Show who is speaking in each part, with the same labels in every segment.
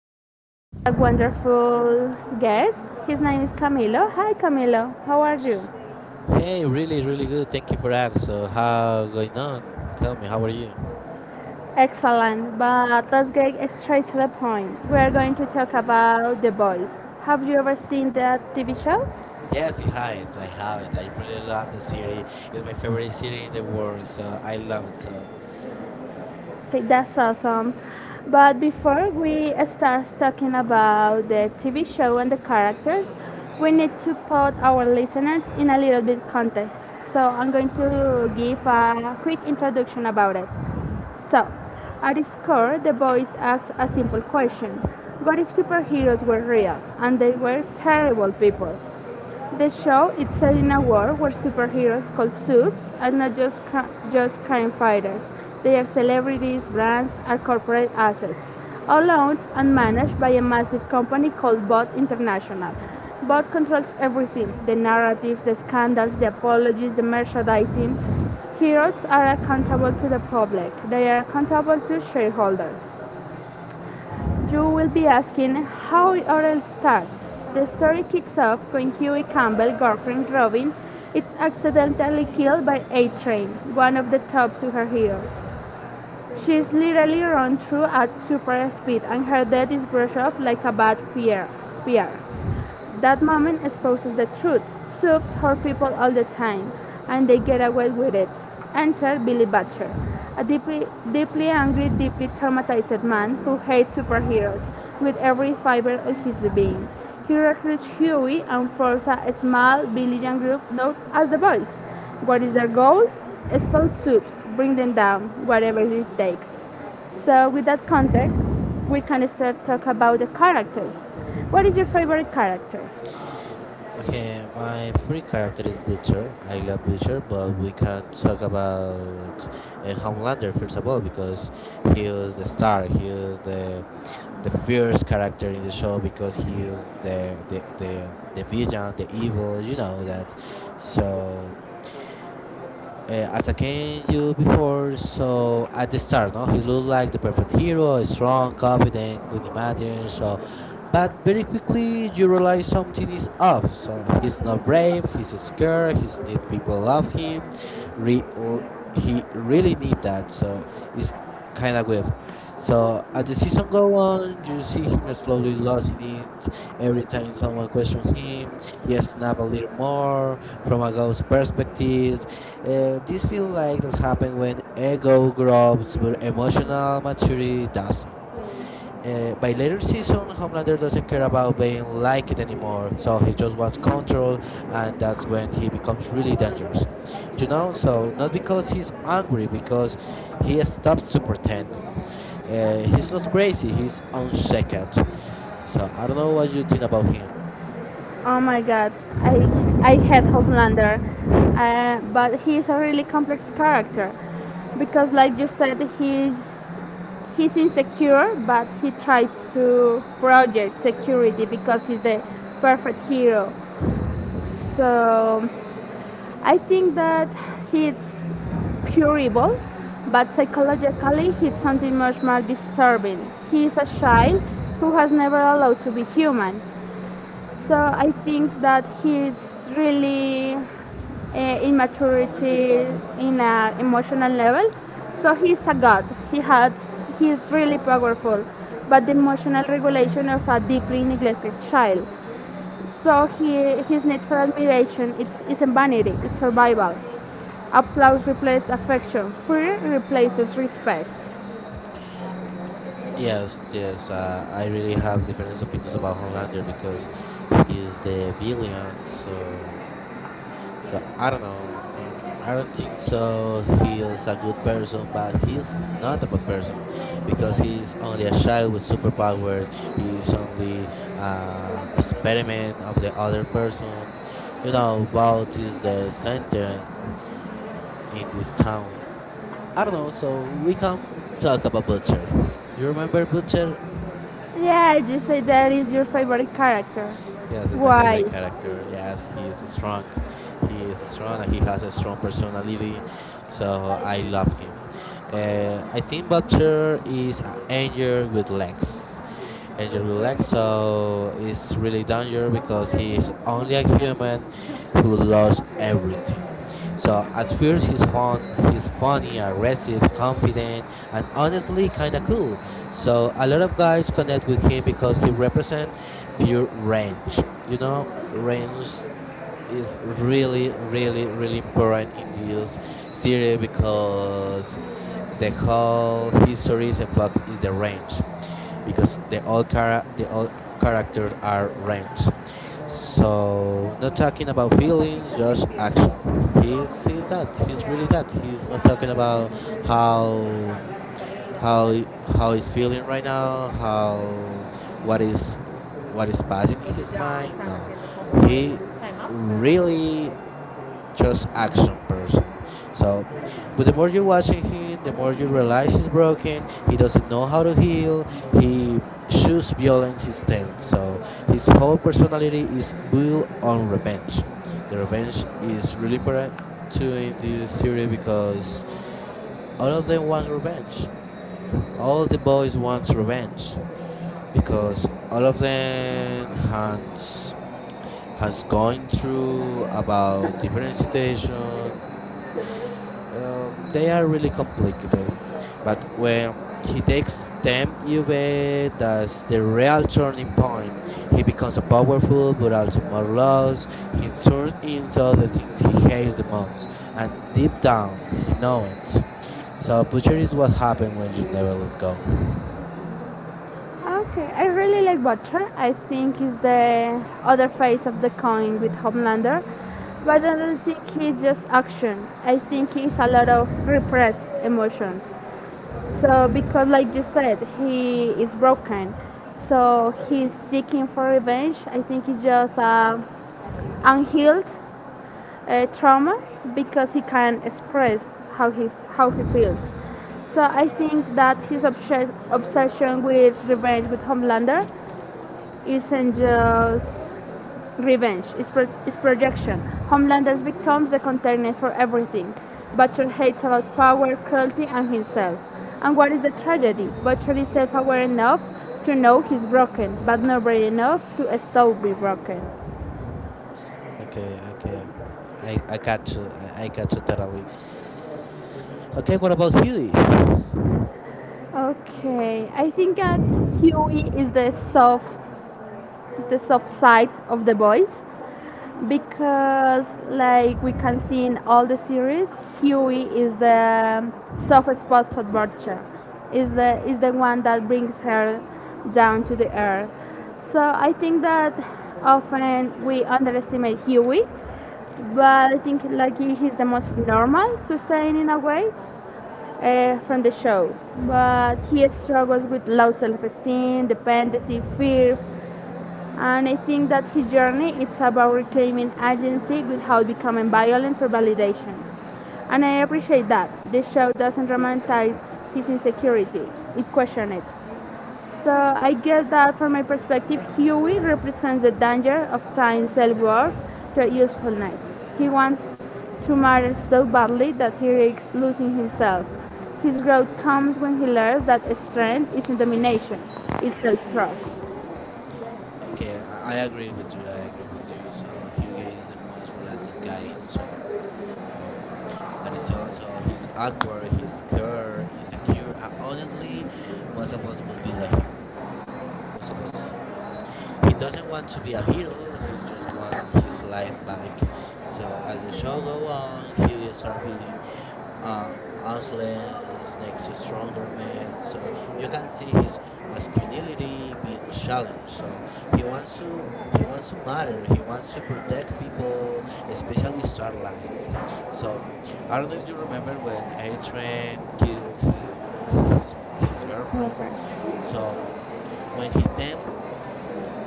Speaker 1: TV show with a wonderful guest. His name is Camilo. Hi, Camilo. How are you?
Speaker 2: Hey, really, really good. Thank you for asking. So, how going on? Tell me, how are you?
Speaker 1: Excellent. But let's get straight to the point. We are going to talk about The Boys. Have you ever seen that TV show?
Speaker 2: Yes, I have it. I have it. I really love the city. It's my favorite city in the world, so I love it so.
Speaker 1: Okay, that's awesome. But before we start talking about the TV show and the characters, we need to put our listeners in a little bit context. So I'm going to give a quick introduction about it. So, at its core, the voice asks a simple question: what if superheroes were real and they were terrible people? The show is set in a world where superheroes called subs are not just just crime fighters. They are celebrities, brands, or corporate assets, all owned and managed by a massive company called Bot International. Bot controls everything: the narratives, the scandals, the apologies, the merchandising. Heroes are accountable to the public. They are accountable to shareholders. You will be asking how it all starts. The story kicks off when Huey Campbell's girlfriend Robin is accidentally killed by A Train, one of the top superheroes. She's literally run through at super speed and her death is brushed off like a bad PR. That moment exposes the truth. Soups hurt people all the time, and they get away with it. Enter Billy Butcher, a deeply, deeply angry, deeply traumatized man who hates superheroes with every fiber of his being. He recruits Huey and forms a small villain group known as the Boys. What is their goal? Spout tubes, bring them down, whatever it takes. So with that context, we can start talk about the characters. What is your favorite character?
Speaker 2: Okay, my favorite character is Butcher. I love Butcher, but we can't talk about Homelander first of all because he is the star. He is the fierce character in the show because he is the villain, the evil. You know that. So as I came you before, so at the start, no, he looked like the perfect hero, strong, confident, clean imagination. So, but very quickly you realize something is off. So he's not brave. He's scared. He's need people love him. Re- l- he really need that. So it's kind of weird. So as the season go on, you see him slowly losing it. Every time someone question him, he snaps a little more from a ghost perspective. This feels like that happens when ego grows but emotional maturity doesn't. By later season, Homelander doesn't care about being liked anymore, so he just wants control, and that's when he becomes really dangerous. You know, so not because he's angry, because he stops to pretending. He's not crazy, he's unshaked. So I don't know what you think about him.
Speaker 1: Oh my god, I I hate Homelander, but he is a really complex character because, like you said, he's insecure, but he tries to project security because he's the perfect hero. So I think that it's pure evil, but psychologically it's something much more disturbing. He is a child who has never allowed to be human. So I think that he's really, immaturity in an emotional level. So he's a god. He has He's really powerful, but the emotional regulation of a deeply neglected child. So he, his need for admiration isn't vanity, it's survival. Applause replaces affection, fear replaces respect.
Speaker 2: Yes, yes. I really have different opinions about Homelander because he's the villain. So I don't know. I don't think so. He's a good person, but he's not a bad person because he's only a child with superpowers. He's only experiment of the other person. You know, Vault is the center in this town. I don't know. So we can talk about Butcher. You remember Butcher?
Speaker 1: Yeah, you say that is your favorite character.
Speaker 2: Yes, it's my
Speaker 1: Why?
Speaker 2: favorite character. Yes, he is strong. He is strong and he has a strong personality. So I love him. I think Vulture is an angel with legs. Angel with legs, so it's really dangerous because he is only a human who lost everything. So at first he's fun, he's funny, aggressive, confident, and honestly kinda cool. So a lot of guys connect with him because he represents pure range. You know, range is really, really, really important in this series because the whole history is in fact is the range because the all characters are range. So not talking about feelings, just action. He's that. He's really that. He's not talking about how how how he's feeling right now, how what is what is passing in his mind. No, he really just action person. So, but the more you're watching him, the more you realize he's broken. He doesn't know how to heal. He shoots violence instead. So his whole personality is built on revenge. The revenge is really important too in this series because all of them wants revenge. All the boys wants revenge because all of them has gone through about different situations. They are really complicated, but when he takes them, Juve does the real turning point. He becomes a powerful but also morose. He turns into the things he hates the most, and deep down he knows it. So butcher is what happened when you never let go.
Speaker 1: Okay, I really like Butcher. I think he's the other face of the coin with Homelander. But I don't think he's just action. I think he's a lot of repressed emotions. So because like you said, he is broken, so he's seeking for revenge. I think it's just, unhealed, trauma because he can't express how he how he feels. So I think that his obsession with revenge with Homelander isn't just is projection. Homelanders becomes the container for everything. Butcher hates about power, cruelty, and himself. And what is the tragedy? Butcher is self-aware enough to know he's broken, but not brave enough to stop being broken.
Speaker 2: Okay, okay, I got you, I got you totally. Okay, what about Huey?
Speaker 1: Okay, I think that Huey is the soft side of the boys, because like we can see in all the series, Huey is the soft spot for Butcher, is the one that brings her down to the earth. So I think that often we underestimate Huey, but I think like he's the most normal to say in a way, from the show. But he struggles with low self-esteem, dependency, fear, and I think that his journey it's about reclaiming agency without becoming violent for validation. And I appreciate that. This show doesn't romanticize his insecurity, it questions it. So I guess that from my perspective, Huey represents the danger of tying self worth to usefulness. He wants to matter so badly that he risks losing himself. His growth comes when he learns that strength isn't domination, it's self trust.
Speaker 2: Okay, I agree with you. I agree with you. So Hugo is the most realistic guy in the show. Yeah, that is also he's awkward, he's scared, insecure. And honestly, most of us would be like him. Most of us. He doesn't want to be a hero. He just wants his life back. So as the show go on, Hugo starts feeling uh, Aslan's next to stronger man. So you can see his masculinity being challenged. So he wants to he wants to matter. He wants to protect people, especially Starlight. So I don't know if you remember when A Train killed his, his girlfriend. So when he came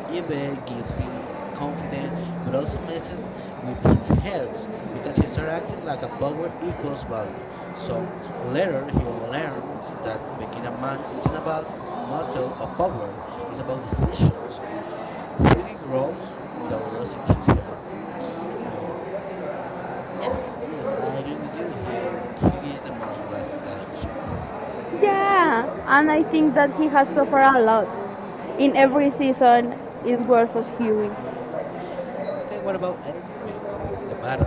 Speaker 2: Ibe gives him confidence, but also messes with his heads because he starts acting like a power equals value. So later he learns that being a man isn't about muscle or power; it's about decision. So he grows without losing his hair. Uh, yes, yes, I agree with you. He is the most relaxed guy in the show.
Speaker 1: Yeah, and I think that he has suffered a lot. In every season, it's worth us hearing.
Speaker 2: Okay, what about Adrian, the matter?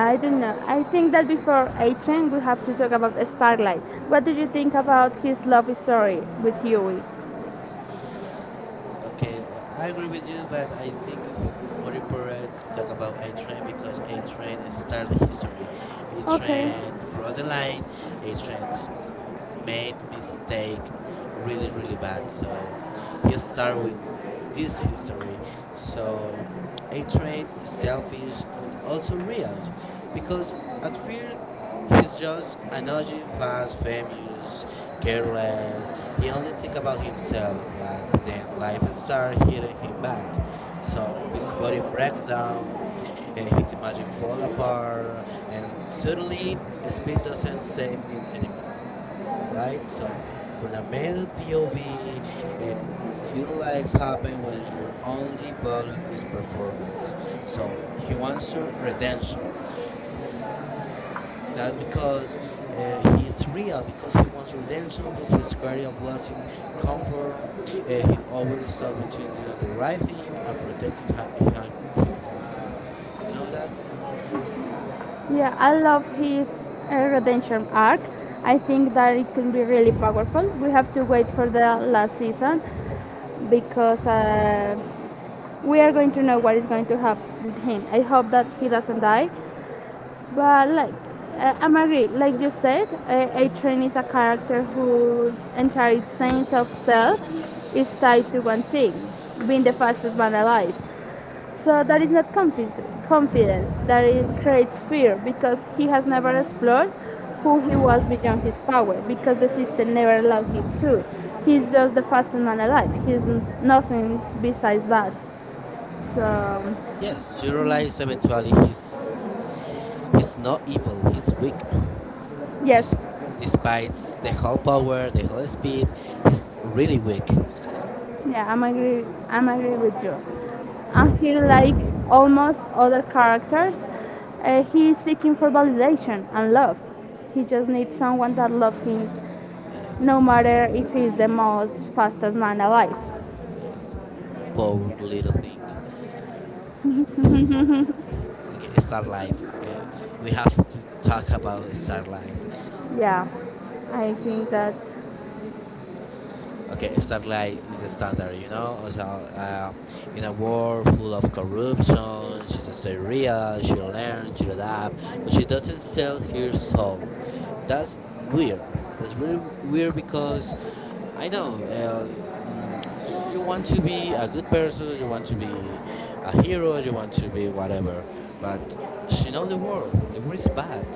Speaker 1: I don't know. I think that before Achen, we have to talk about Starlight. What do you think about his love story with Huey?
Speaker 2: Okay, I agree with you, but I think it's more important to talk about A Train because A Train started the history. A
Speaker 1: Okay.
Speaker 2: Train crossed the line. Made mistake really, really bad. So he start with this history. So A Train is selfish but also real because at first he's just an annoying, fast, famous careless. He only think about himself, but then life starts hitting him back. So his body breaks down, his imagine fall apart, and suddenly speed doesn't save him anymore, right? So for the male POV, eh, it feels like happen when your only value is performance. So he wants to redemption, that's because he is real, because he wants redemption, but his career blessing comfort. He always stuck between doing the right thing and protecting himself. So, you know that?
Speaker 1: Yeah, I love his, redemption arc. I think that it can be really powerful. We have to wait for the last season because, we are going to know what is going to happen with him. I hope that he doesn't die, but like, I'm agree. Like you said, a train is a character whose entire sense of self is tied to one thing: being the fastest man alive. So that is not confidence. Confidence that it creates fear because he has never explored who he was beyond his power because the system never allowed him to. He's just the fastest man alive. He's nothing besides that. So
Speaker 2: Yes, you realize eventually he's not evil. He's weak.
Speaker 1: yes,
Speaker 2: This, despite the whole power, the whole speed, he's really weak.
Speaker 1: yeah, I'm agree. I'm agree with you. And he, like almost other characters, he is seeking for validation and love. He just needs someone that loves him,
Speaker 2: Yes,
Speaker 1: no matter if he's the most fastest man alive.
Speaker 2: yes, poor little thing. Okay, Starlight. Okay, we have to talk about Starlight.
Speaker 1: Yeah, I think that.
Speaker 2: Okay, Starlight is the standard, you know. So, in a world full of corruption, she's stay real. She learns, she adapts, but she doesn't sell her soul. That's weird. That's really weird because I know mm, you want to be a good person, you want to be a hero, you want to be whatever, but she know the world. The world is bad.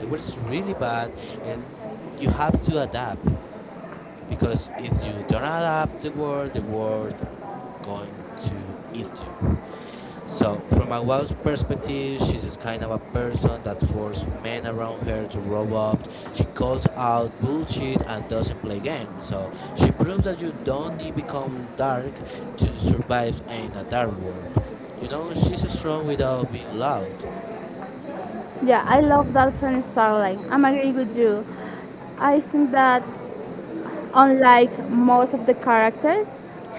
Speaker 2: The world is really bad, and you have to adapt because if you don't adapt the word going to eat you. So from my wife's perspective, she's this kind of a person that forces men around her to grow up. She calls out bullshit and doesn't play games. So she proves that you don't need become dark to survive in a dark world. You know, she's strong without being loud.
Speaker 1: Yeah, I love that from Starlight. I'm agree with you. I think that, unlike most of the characters,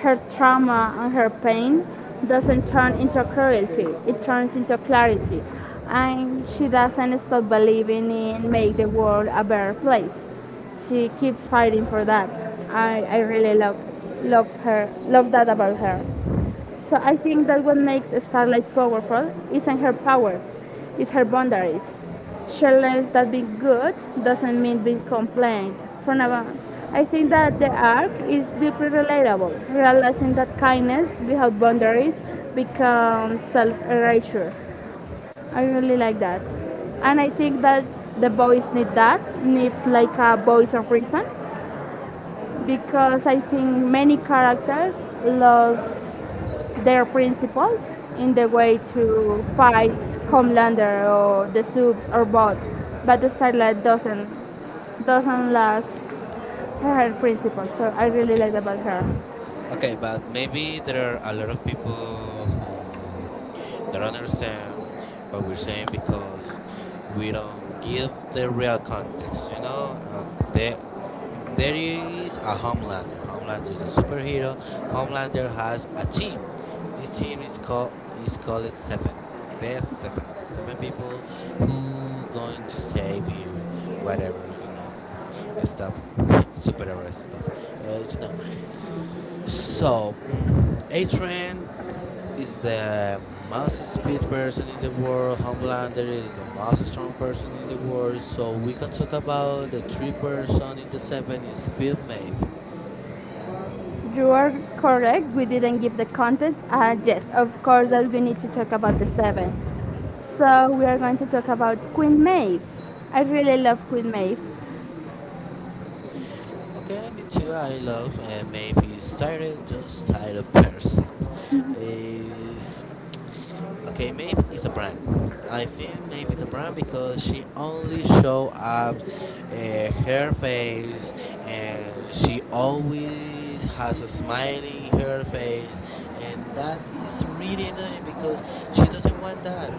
Speaker 1: her trauma and her pain doesn't turn into cruelty, it turns into clarity. And she doesn't stop believing in make the world a better place. She keeps fighting for that. I really love her, love that about her. So I think that what makes Starlight powerful isn't her powers, it's her boundaries. She learns that being good doesn't mean being compliant. From now on, I think that the arc is deeply relatable, realizing that kindness without boundaries becomes self-erasure. I really like that. And I think that the boys need that, needs like a voice of reason because I think many characters lost their principles in the way to fight Homelander or the Supes or Bot, but Starlight doesn't last her principles. So I really
Speaker 2: Okay,
Speaker 1: like about her.
Speaker 2: okay, but maybe there are a lot of people who don't understand what we're saying because we don't give the real context. You know, there, there is a Homelander. Homelander is a superhero. Homelander has a team. This team is called Seven. The Seven. The seven people who going to save you, whatever you know, stuff, superheroes stuff. You know, so, A-Train is the most speed person in the world. Homelander is the most strong person in the world. So we can talk about the three person in the seven is Queen Maeve.
Speaker 1: You are correct. We didn't give the context. Yes, of course that we need to talk about the seven. So we are going to talk about Queen Maeve. I really love Queen Maeve.
Speaker 2: Okay, me too. I love Maeve is tired, just tired person. is Okay, Maeve is a brand. I think Maeve is a brand because she only show up her face and she always has a smile in her face and that is really annoying because she doesn't want that.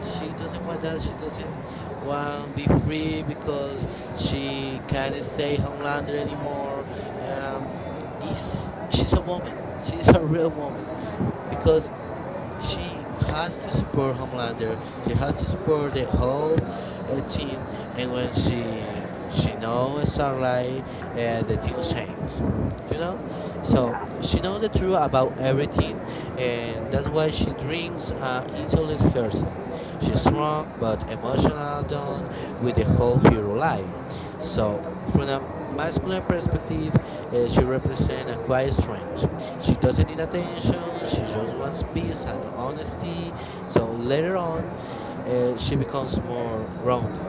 Speaker 2: She doesn't want that. She doesn't want be free because she can't stay homelander anymore. Um, is she's a woman. She's a real woman because she has to support Homelander. She has to support the whole team. And when she knows Starlight, the team changes. You know, so she knows the truth about everything, and that's why she drinks and isolates herself. She's strong but emotional, done with the whole hero life. So, from a masculine perspective, she represents a quiet strength. She doesn't need attention, she just wants peace and honesty. So, later on, she becomes more grounded.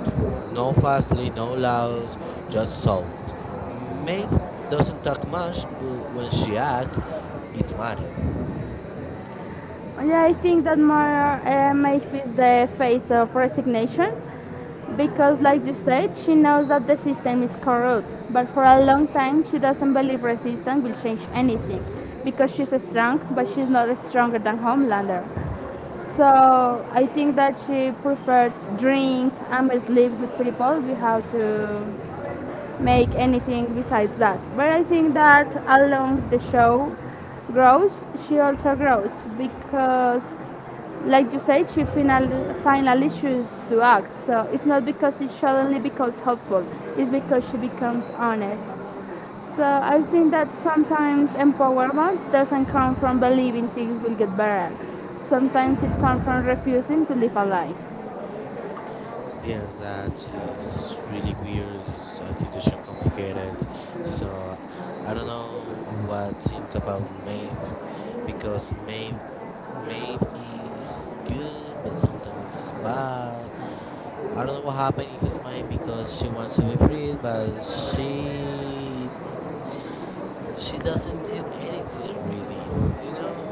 Speaker 2: No fastly, no loud, just sold. Maeve doesn't talk much, but when she acts, it matters.
Speaker 1: Yeah, I think that more, makes is the face of resignation because, like you said, she knows that the system is corrupt, but for a long time she doesn't believe resistance will change anything because she's strong, but she's not stronger than Homelander. So I think that she prefers drink and sleep with people. We have to make anything besides that. But I think that along the show grows, she also grows because like you said, she finally chooses to act. So it's not because it suddenly becomes hopeful. It's because she becomes honest. So I think that sometimes empowerment doesn't come from believing things will get better. Sometimes it comes from refusing to live a lie.
Speaker 2: Yes, that is really weird. It's a situation complicated. So I don't know what to think about Maeve because Maeve is good, but sometimes it's bad. I don't know what happened in his mind because she wants to be freed, but she doesn't do anything really. You know,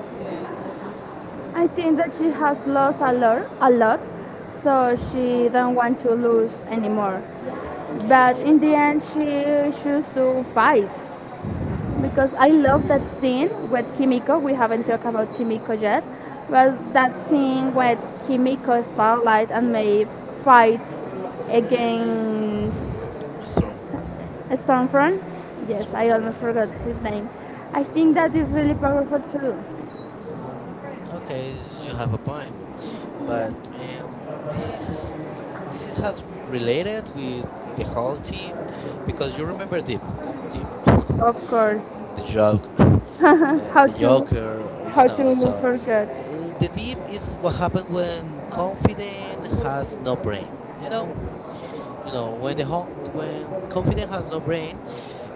Speaker 2: it's
Speaker 1: I think that she has lost a lot, so she don't want to lose anymore. But in the end, she chooses to fight because I love that scene with Kimiko. We haven't talked about Kimiko yet. Well, that scene with Kimiko, Starlight, and Maeve fights against
Speaker 2: Strong,
Speaker 1: Stormfront. Yes,
Speaker 2: strong
Speaker 1: I
Speaker 2: home,
Speaker 1: almost forgot his
Speaker 2: yes.
Speaker 1: name. I think that is really powerful too.
Speaker 2: Okay, you have a point, but this is this is has related with the whole team because you remember Deep, not Deep,
Speaker 1: Of course,
Speaker 2: the joke,
Speaker 1: how
Speaker 2: the
Speaker 1: to
Speaker 2: Joker, you
Speaker 1: how
Speaker 2: know.
Speaker 1: to
Speaker 2: So
Speaker 1: forget?
Speaker 2: the Deep is what happened when confident has no brain, you know. You know, when confident has no brain,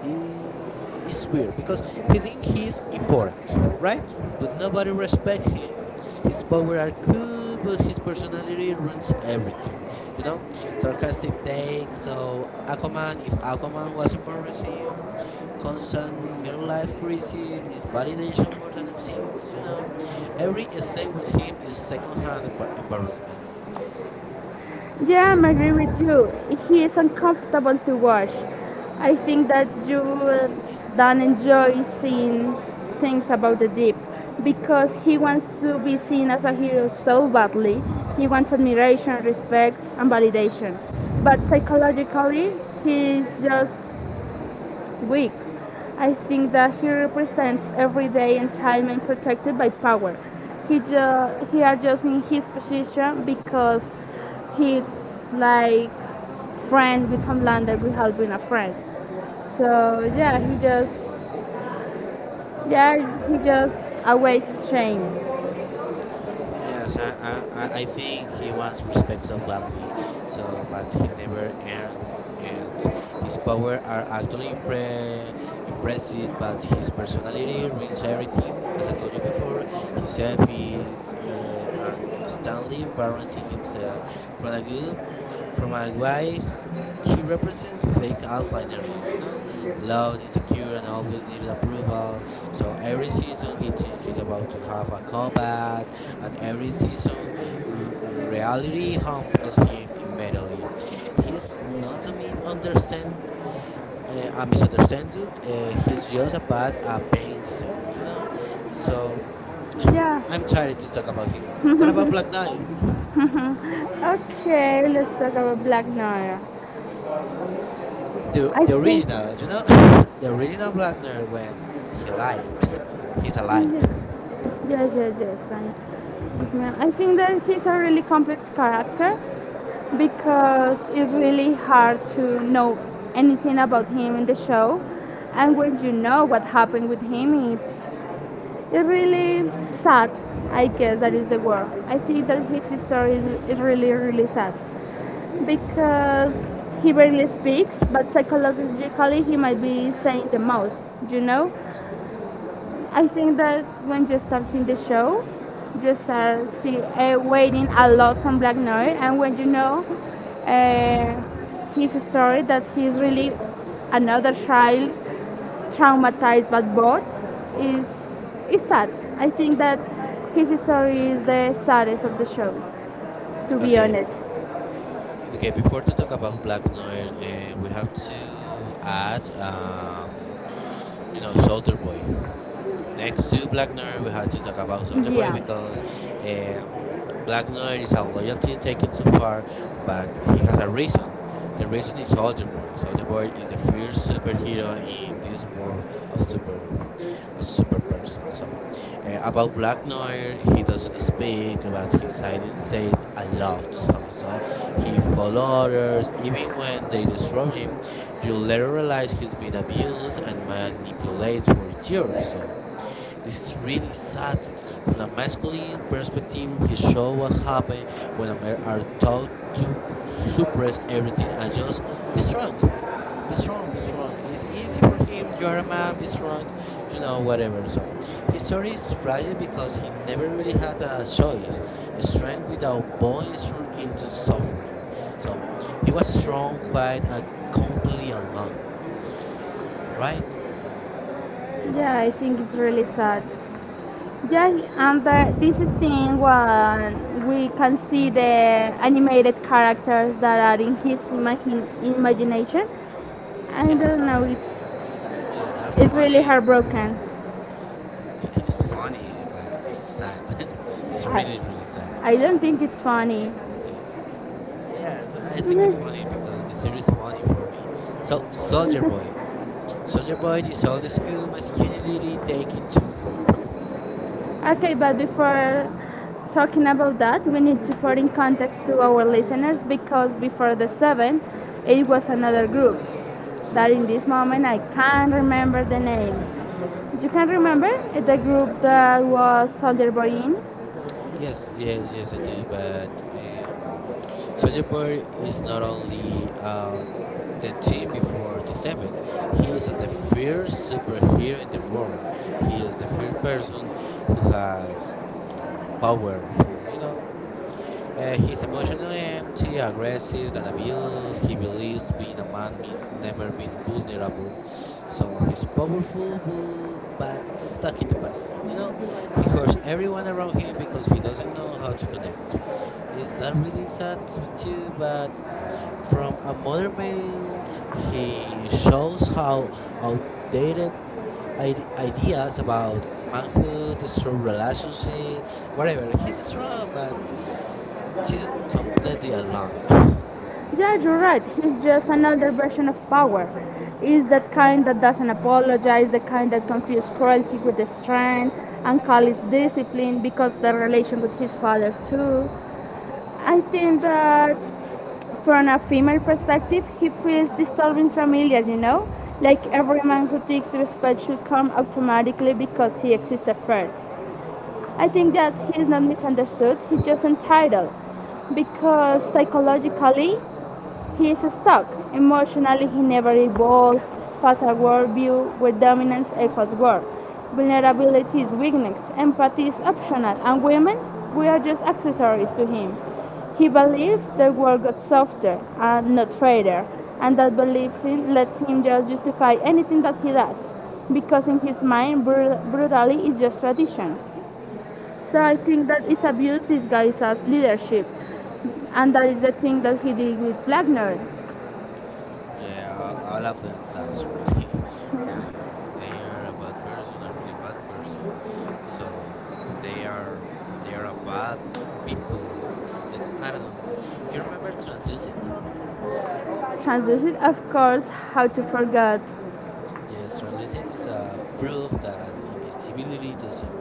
Speaker 2: it's weird because he thinks he's important, right? But nobody respects him. His power are cool, but his personality ruins everything. You know, sarcastic take. So Aquaman, if Aquaman was embarrassing, constant middle life crisis, needs validation more than it seems. You know, every scene with him is secondhand embarrassment.
Speaker 1: Yeah, I'm agree with you. He is uncomfortable to watch. I think that you will don't enjoy seeing things about the deep because he wants to be seen as a hero so badly. He wants admiration, respect, and validation. But psychologically, he's just weak. I think that he represents every day and time and protected by power. He adjusts in his position because he's like friend with Homelander without being a friend. So yeah, yeah he just awaits shame.
Speaker 2: Yes, I think he wants respect so gladly, so but he never earns it. His power are impressive, but his personality ruins everything. As I told you before, he selfish and constantly embarrassing himself. From a good, from a guy, he represents fake alpha energy. You know, loud, insecure, and always needed approval. So every season he thinks he's about to have a comeback, and every season r- reality humbles him immediately. He's not a mi- understand a misunderstood. He's just a bad at paying the same, you know. So
Speaker 1: Yeah.
Speaker 2: I'm tired to talk about him. What about Black Knight?
Speaker 1: Okay, let's talk about Black Noir.
Speaker 2: The
Speaker 1: I
Speaker 2: the
Speaker 1: think
Speaker 2: original, you know, the original Black Knight when he lied. he's alive.
Speaker 1: Yeah. Yes. I think that he's a really complex character because it's really hard to know anything about him in the show. And when you know what happened with him, it's really sad, I guess that is the word. I think that his story is really, really sad because he barely speaks, but psychologically he might be saying the most, you know? I think that when you start seeing the show, you start see, waiting a lot from Black Noir, and when you know, uh, his story, that he's really another child traumatized by both, is is sad. I think that his story is the saddest of the show, to be
Speaker 2: Okay.
Speaker 1: honest.
Speaker 2: Okay, before to talk about Black Noir, we have to add, you know, Soldier Boy next to Black Noir, we have to talk about Soldier Boy
Speaker 1: Yeah,
Speaker 2: because um, Black Noir is a loyalty taken too far, but he has a reason. The reason is Soldier Boy. Soldier Boy is the first superhero in this world of super, a super person. So, about Black Noir, he doesn't speak, but his silence says a lot. Also, he follows others even when they destroy him. You'll later realize he's been abused and manipulated for years. So this is really sad. From a masculine perspective, he shows what happens when men are taught to suppress everything and just be strong be strong, be strong. It's easy for him. You are a man, be strong, you know, whatever. So his story is tragic because he never really had a choice. A Strength without bowing through into suffering. So he was strong, quiet, and completely alone, right?
Speaker 1: yeah, I think it's really sad. Yeah, and this scene when we can see the animated characters that are in his imagination, I don't
Speaker 2: Yes,
Speaker 1: know,
Speaker 2: yes, that's
Speaker 1: it's really
Speaker 2: funny.
Speaker 1: heartbroken.
Speaker 2: It's funny, but it's sad. it's
Speaker 1: I
Speaker 2: really, really sad.
Speaker 1: I don't think it's funny.
Speaker 2: Yeah. Yes, I think it's funny
Speaker 1: Mhm.
Speaker 2: because the series is funny for me. So, Soldier Boy, this old school masculinity taken too far.
Speaker 1: Okay, but before talking about that, we need to put in context to our listeners because before the seven, it was another group that in this moment I can't remember the name. You can remember the group that was Soldier Boy in?
Speaker 2: yes, yes, yes, I do. But Soldier Boy is not only the team before the seven. He is as the first superhero in the world. He is the first person who has powerful, you know. He's emotionally empty, aggressive, and abused. He believes being a man means never being vulnerable. So he's powerful, but stuck in the past. You know, he hurts everyone around him because he doesn't know how to connect. Is that really sad too? But from a modern male, he shows how outdated ideas about manhood, strong relationship, whatever. He's strong, but Two, completely alone.
Speaker 1: Yeah, you're right. He's just another version of power. He's that kind that doesn't apologize, the kind that confuses cruelty with strength and calls it discipline because the relation with his father too. I think that from a female perspective, he feels disturbing familiar, you know? Like every man who thinks respect should come automatically because he existed first. I think that he's not misunderstood, he's just entitled because psychologically he is stuck. Emotionally, he never evolved past a worldview where dominance equals worth. Vulnerability is weakness, empathy is optional, and women, we are just accessories to him. He believes the world got softer and not fairer, and that belief in lets him just justify anything that he does, because in his mind, brutality is just tradition. So I think that is abuse disguised as leadership. And that is the thing that he did with Blackner.
Speaker 2: Yeah, all of them sucks really, really. They are a bad person, a really bad person. So they are they are a bad people. And I don't know. Do you remember Translucid?
Speaker 1: Translucid, of course, how to forget.
Speaker 2: Yes, translucent is a proof that invisibility doesn't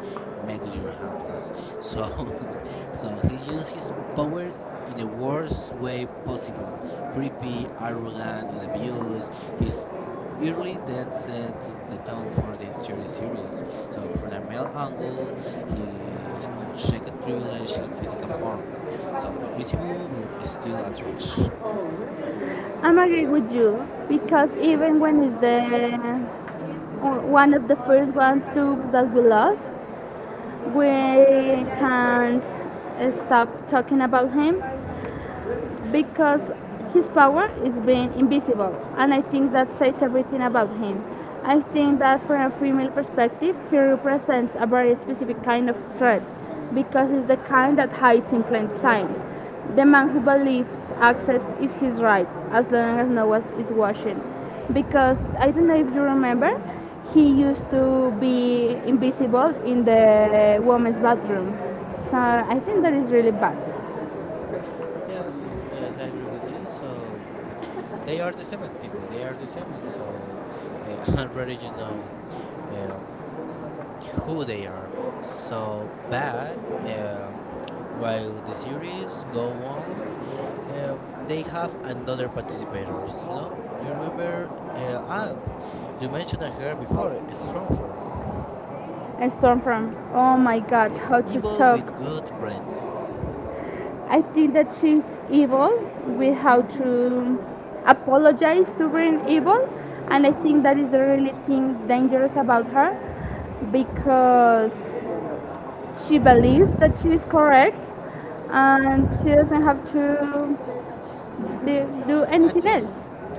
Speaker 2: make you harmless. So, so he used his power in the worst way possible: creepy, arrogant, and abused. His early death sets the tone for the entire series. So, from a male angle, his unchecked privilege in physical form. So invisible, but still a trash.
Speaker 1: I'm agree with you because even when it's the uh, one of the first one soups that we lost, we can't stop talking about him because his power is being invisible, and I think that says everything about him. I think that from a female perspective, he represents a very specific kind of threat because it's the kind that hides in plain sight. The man who believes access is his right as long as no one is watching. Because I don't know if you remember, he used to be invisible in the woman's bathroom. So I think that is really bad.
Speaker 2: Yes, yes, I agree with you. So they are the seven people. They are the seven. So already you know um, who they are. So but while the series go on, um, they have another participators. You know, you remember Anne. You mentioned her before. A Strong form
Speaker 1: And storm from, oh my god,
Speaker 2: is
Speaker 1: how to
Speaker 2: evil
Speaker 1: talk.
Speaker 2: with good branding.
Speaker 1: I think that she's evil. We have to apologize to being evil, and I think that is the really thing dangerous about her because she believes that she is correct and she doesn't have to do, do
Speaker 2: I
Speaker 1: anything
Speaker 2: think
Speaker 1: else.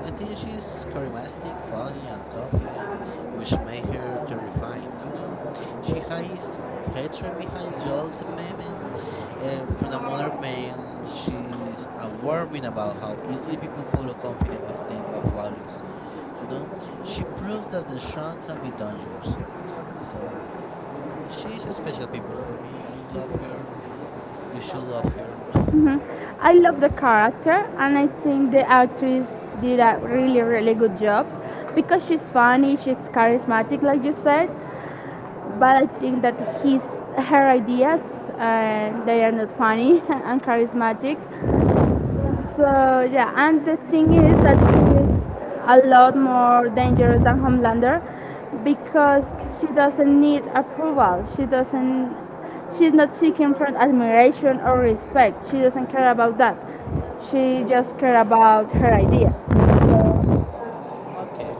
Speaker 2: I think she's charismatic, funny, and confident, which make her terrifying. You know, she hides hatred behind jokes and memes. From another male, she's a warning about how easily people follow confident instead of values. You know, she proves that the strong can be dangerous. So she's a special people for me. I love her. You should love her.
Speaker 1: Mhm. I love the character, and I think the actress did a really good job because she's funny, she's charismatic like you said, but I think that his her ideas, they are not funny and charismatic. So yeah, and the thing is that she is a lot more dangerous than Homelander because she doesn't need approval. She doesn't. She's not seeking for admiration or respect. She doesn't care about that. She just care about her ideas.
Speaker 2: Okay,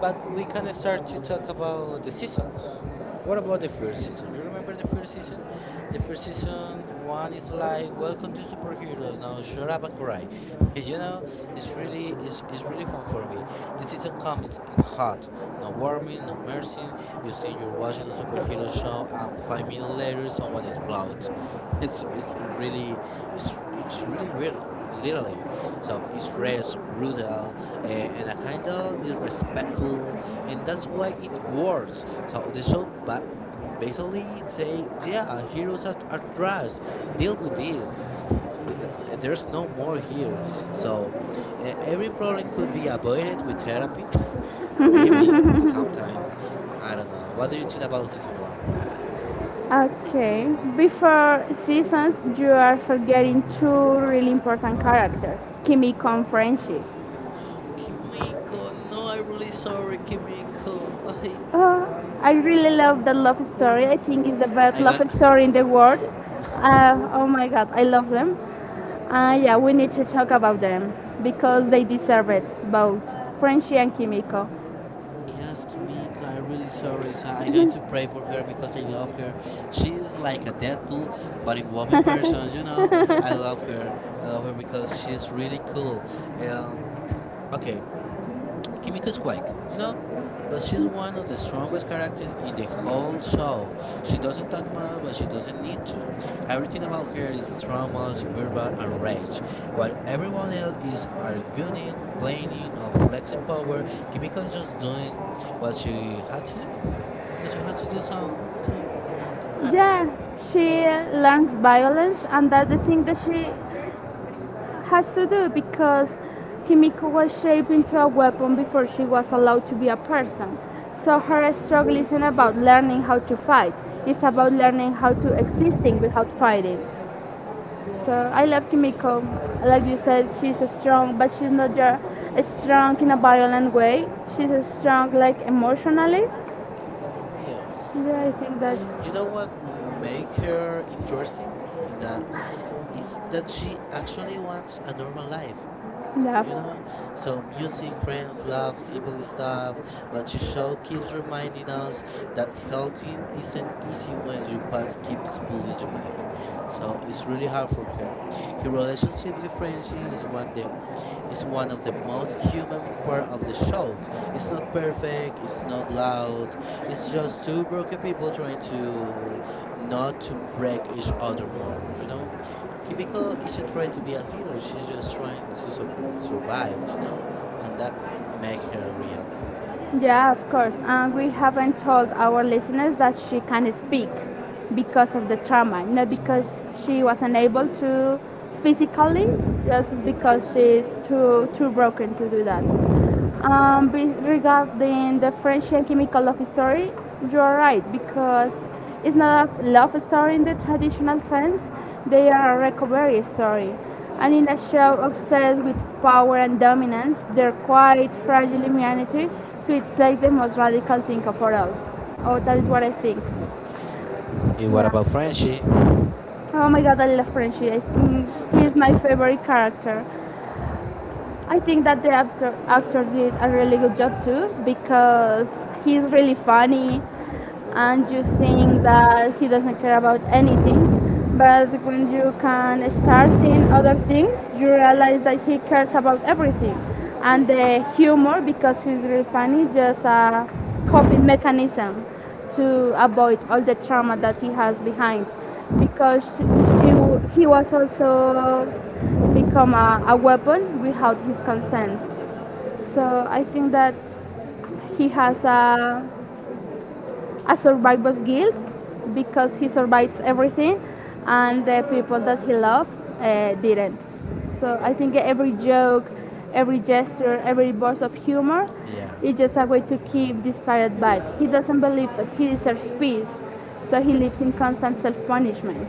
Speaker 2: but we can start to talk about the seasons. What about the first season? You remember the first season? The first season one is like Welcome to Superheroes. Now shut up and cry. you know, it's really fun for me. The season comes in hot, no warming, no mercy. You think you're watching a superhero show, and 5 minutes later someone explodes. It's it's really it's really weird, literally. So it's fresh, brutal, and a kind of disrespectful, and that's why it works. So the show basically say, yeah, heroes are trash. Deal with it. There's no more here. So every problem could be avoided with therapy. Maybe sometimes. I don't know. What do you think about season one?
Speaker 1: Okay. Before seasons, you are forgetting two really important characters, Kimiko and Friendship.
Speaker 2: Kimiko, no, I'm really sorry, Kimiko. I
Speaker 1: Oh, I really
Speaker 2: no.
Speaker 1: love the love story. I think
Speaker 2: No.
Speaker 1: it's the best
Speaker 2: I
Speaker 1: love
Speaker 2: got
Speaker 1: story in the world.
Speaker 2: no.
Speaker 1: Oh my god, I love them. Yeah, we need to talk about them because they deserve it, both Friendship and Kimiko.
Speaker 2: Yes, Kimiko, I'm really sorry. So I'm going to pray for her because I love her. She is like a Deadpool, but in woman version, you know. I love her. I love her because she's really cool. Um, okay, Kimiko is quite, you know, but she's one of the strongest characters in the whole show. She doesn't talk much, but she doesn't need to. Everything about her is trauma, verbal, and rage. While everyone else is arguing, planning, or flexing power, Kimiko is just doing what she had to do because she had to do something. I don't.
Speaker 1: Yeah, she learns violence, and that's the thing that she has to do because Kimiko was shaped into a weapon before she was allowed to be a person. So her struggle isn't about learning how to fight. It's about learning how to existing without fighting. So I love
Speaker 2: Yeah.
Speaker 1: Kimiko. Like you said, she's strong, but she's not your strong in a violent way. She's strong like emotionally.
Speaker 2: Yes.
Speaker 1: Yeah, I think that
Speaker 2: You know what makes her interesting in that is that she actually wants a normal life.
Speaker 1: yeah.
Speaker 2: You know? So, music, friends, love, simple stuff, but the show keeps reminding us that healthy isn't easy when your past keeps pulling you back. So, it's really hard for her. Her relationship with Frenchie is one of the most human part of the show. It's not perfect, it's not loud, it's just two broken people trying to not to break each other more, you know? Kimiko isn't trying to be a hero, she's just trying to survive, you know? And that's make her real.
Speaker 1: Yeah, of course. And we haven't told our listeners that she can speak because of the trauma, not because she was not able to physically, just because she's too broken to do that. Regarding the French and chemical love story, you're right because it's not a love story in the traditional sense. They are a recovery story, and in a show obsessed with power and dominance, their quite fragile humanity feels like the most radical thing of all. Oh, that is what I think.
Speaker 2: Eh, what
Speaker 1: Yeah.
Speaker 2: about Frenchie?
Speaker 1: Oh my God, I love Frenchie. I think he is
Speaker 2: okay.
Speaker 1: my
Speaker 2: Okay.
Speaker 1: favorite character. I think that the actor did a really good job too because he's really funny and you think that he doesn't care about anything. But when you can start seeing other things, you realize that he cares about everything. And the humor, because he's really funny, just a coping mechanism to avoid all the trauma that he has behind. Because she, he was also become a weapon without his consent. So I think that he has a survivor's guilt because he survives everything and the people that he loved didn't. So I think every joke, every gesture, every burst of humor
Speaker 2: Yeah.
Speaker 1: is just a way to keep this pirate bite. He doesn't believe that he deserves peace, so he lives in constant self punishment.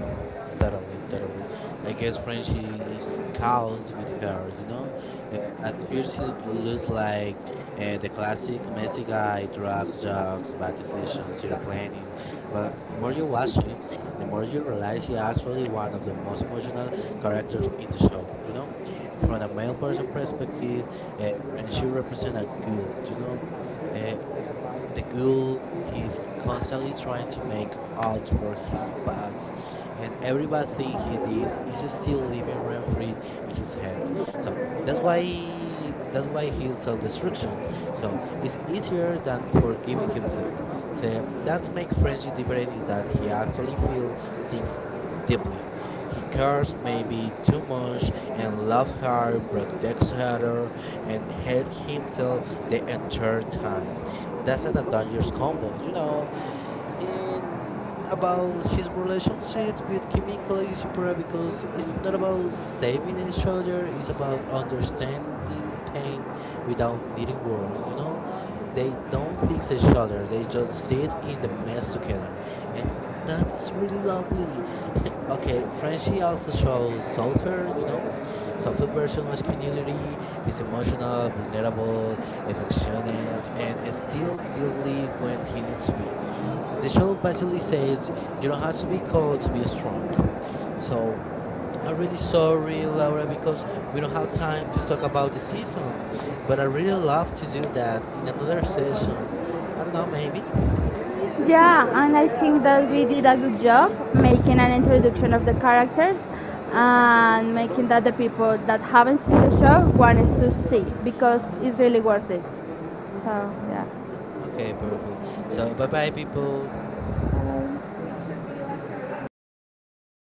Speaker 2: Totally, totally. I guess Frenchie is cows with her, you know? Uh, at first, she looks like the classic messy guy drugs, jokes, bad decisions, zero planning. But the more you watch him, the more you realize he's actually one of the most emotional characters in the show, you know? From a male person perspective, uh, Frenchie represents a guild, you know? Uh, the ghoul, he's constantly trying to make out for his past, and every bad thing he did is still living rent free in his head. So that's why he's self-destruction. So it's easier than forgiving himself. So that makes friendship different is that he actually feels things deeply. He cares maybe too much and loves her, protects her, and hates himself the entire time that's not a dangerous combo. You know, and about his relationship with Kimiko is important because it's not about saving each other, it's about understanding pain without needing words, you know? They don't fix each other, they just sit in the mess together. And that is really lovely. okay, Frenchie also shows sulfur, you know? Selfish version masculinity, he's emotional, vulnerable, affectionate, and still deadly when he needs to be. The show basically says you don't have to be cold to be strong. So I'm really sorry, Laura, because we don't have time to talk about the season. But I really love to do that in another session. I don't know, maybe?
Speaker 1: Yeah, and I think that we did a good job making an introduction of the characters and making that the people that haven't seen the show wants to see because it's really worth it. So yeah.
Speaker 2: Okay, perfect. So bye bye, people.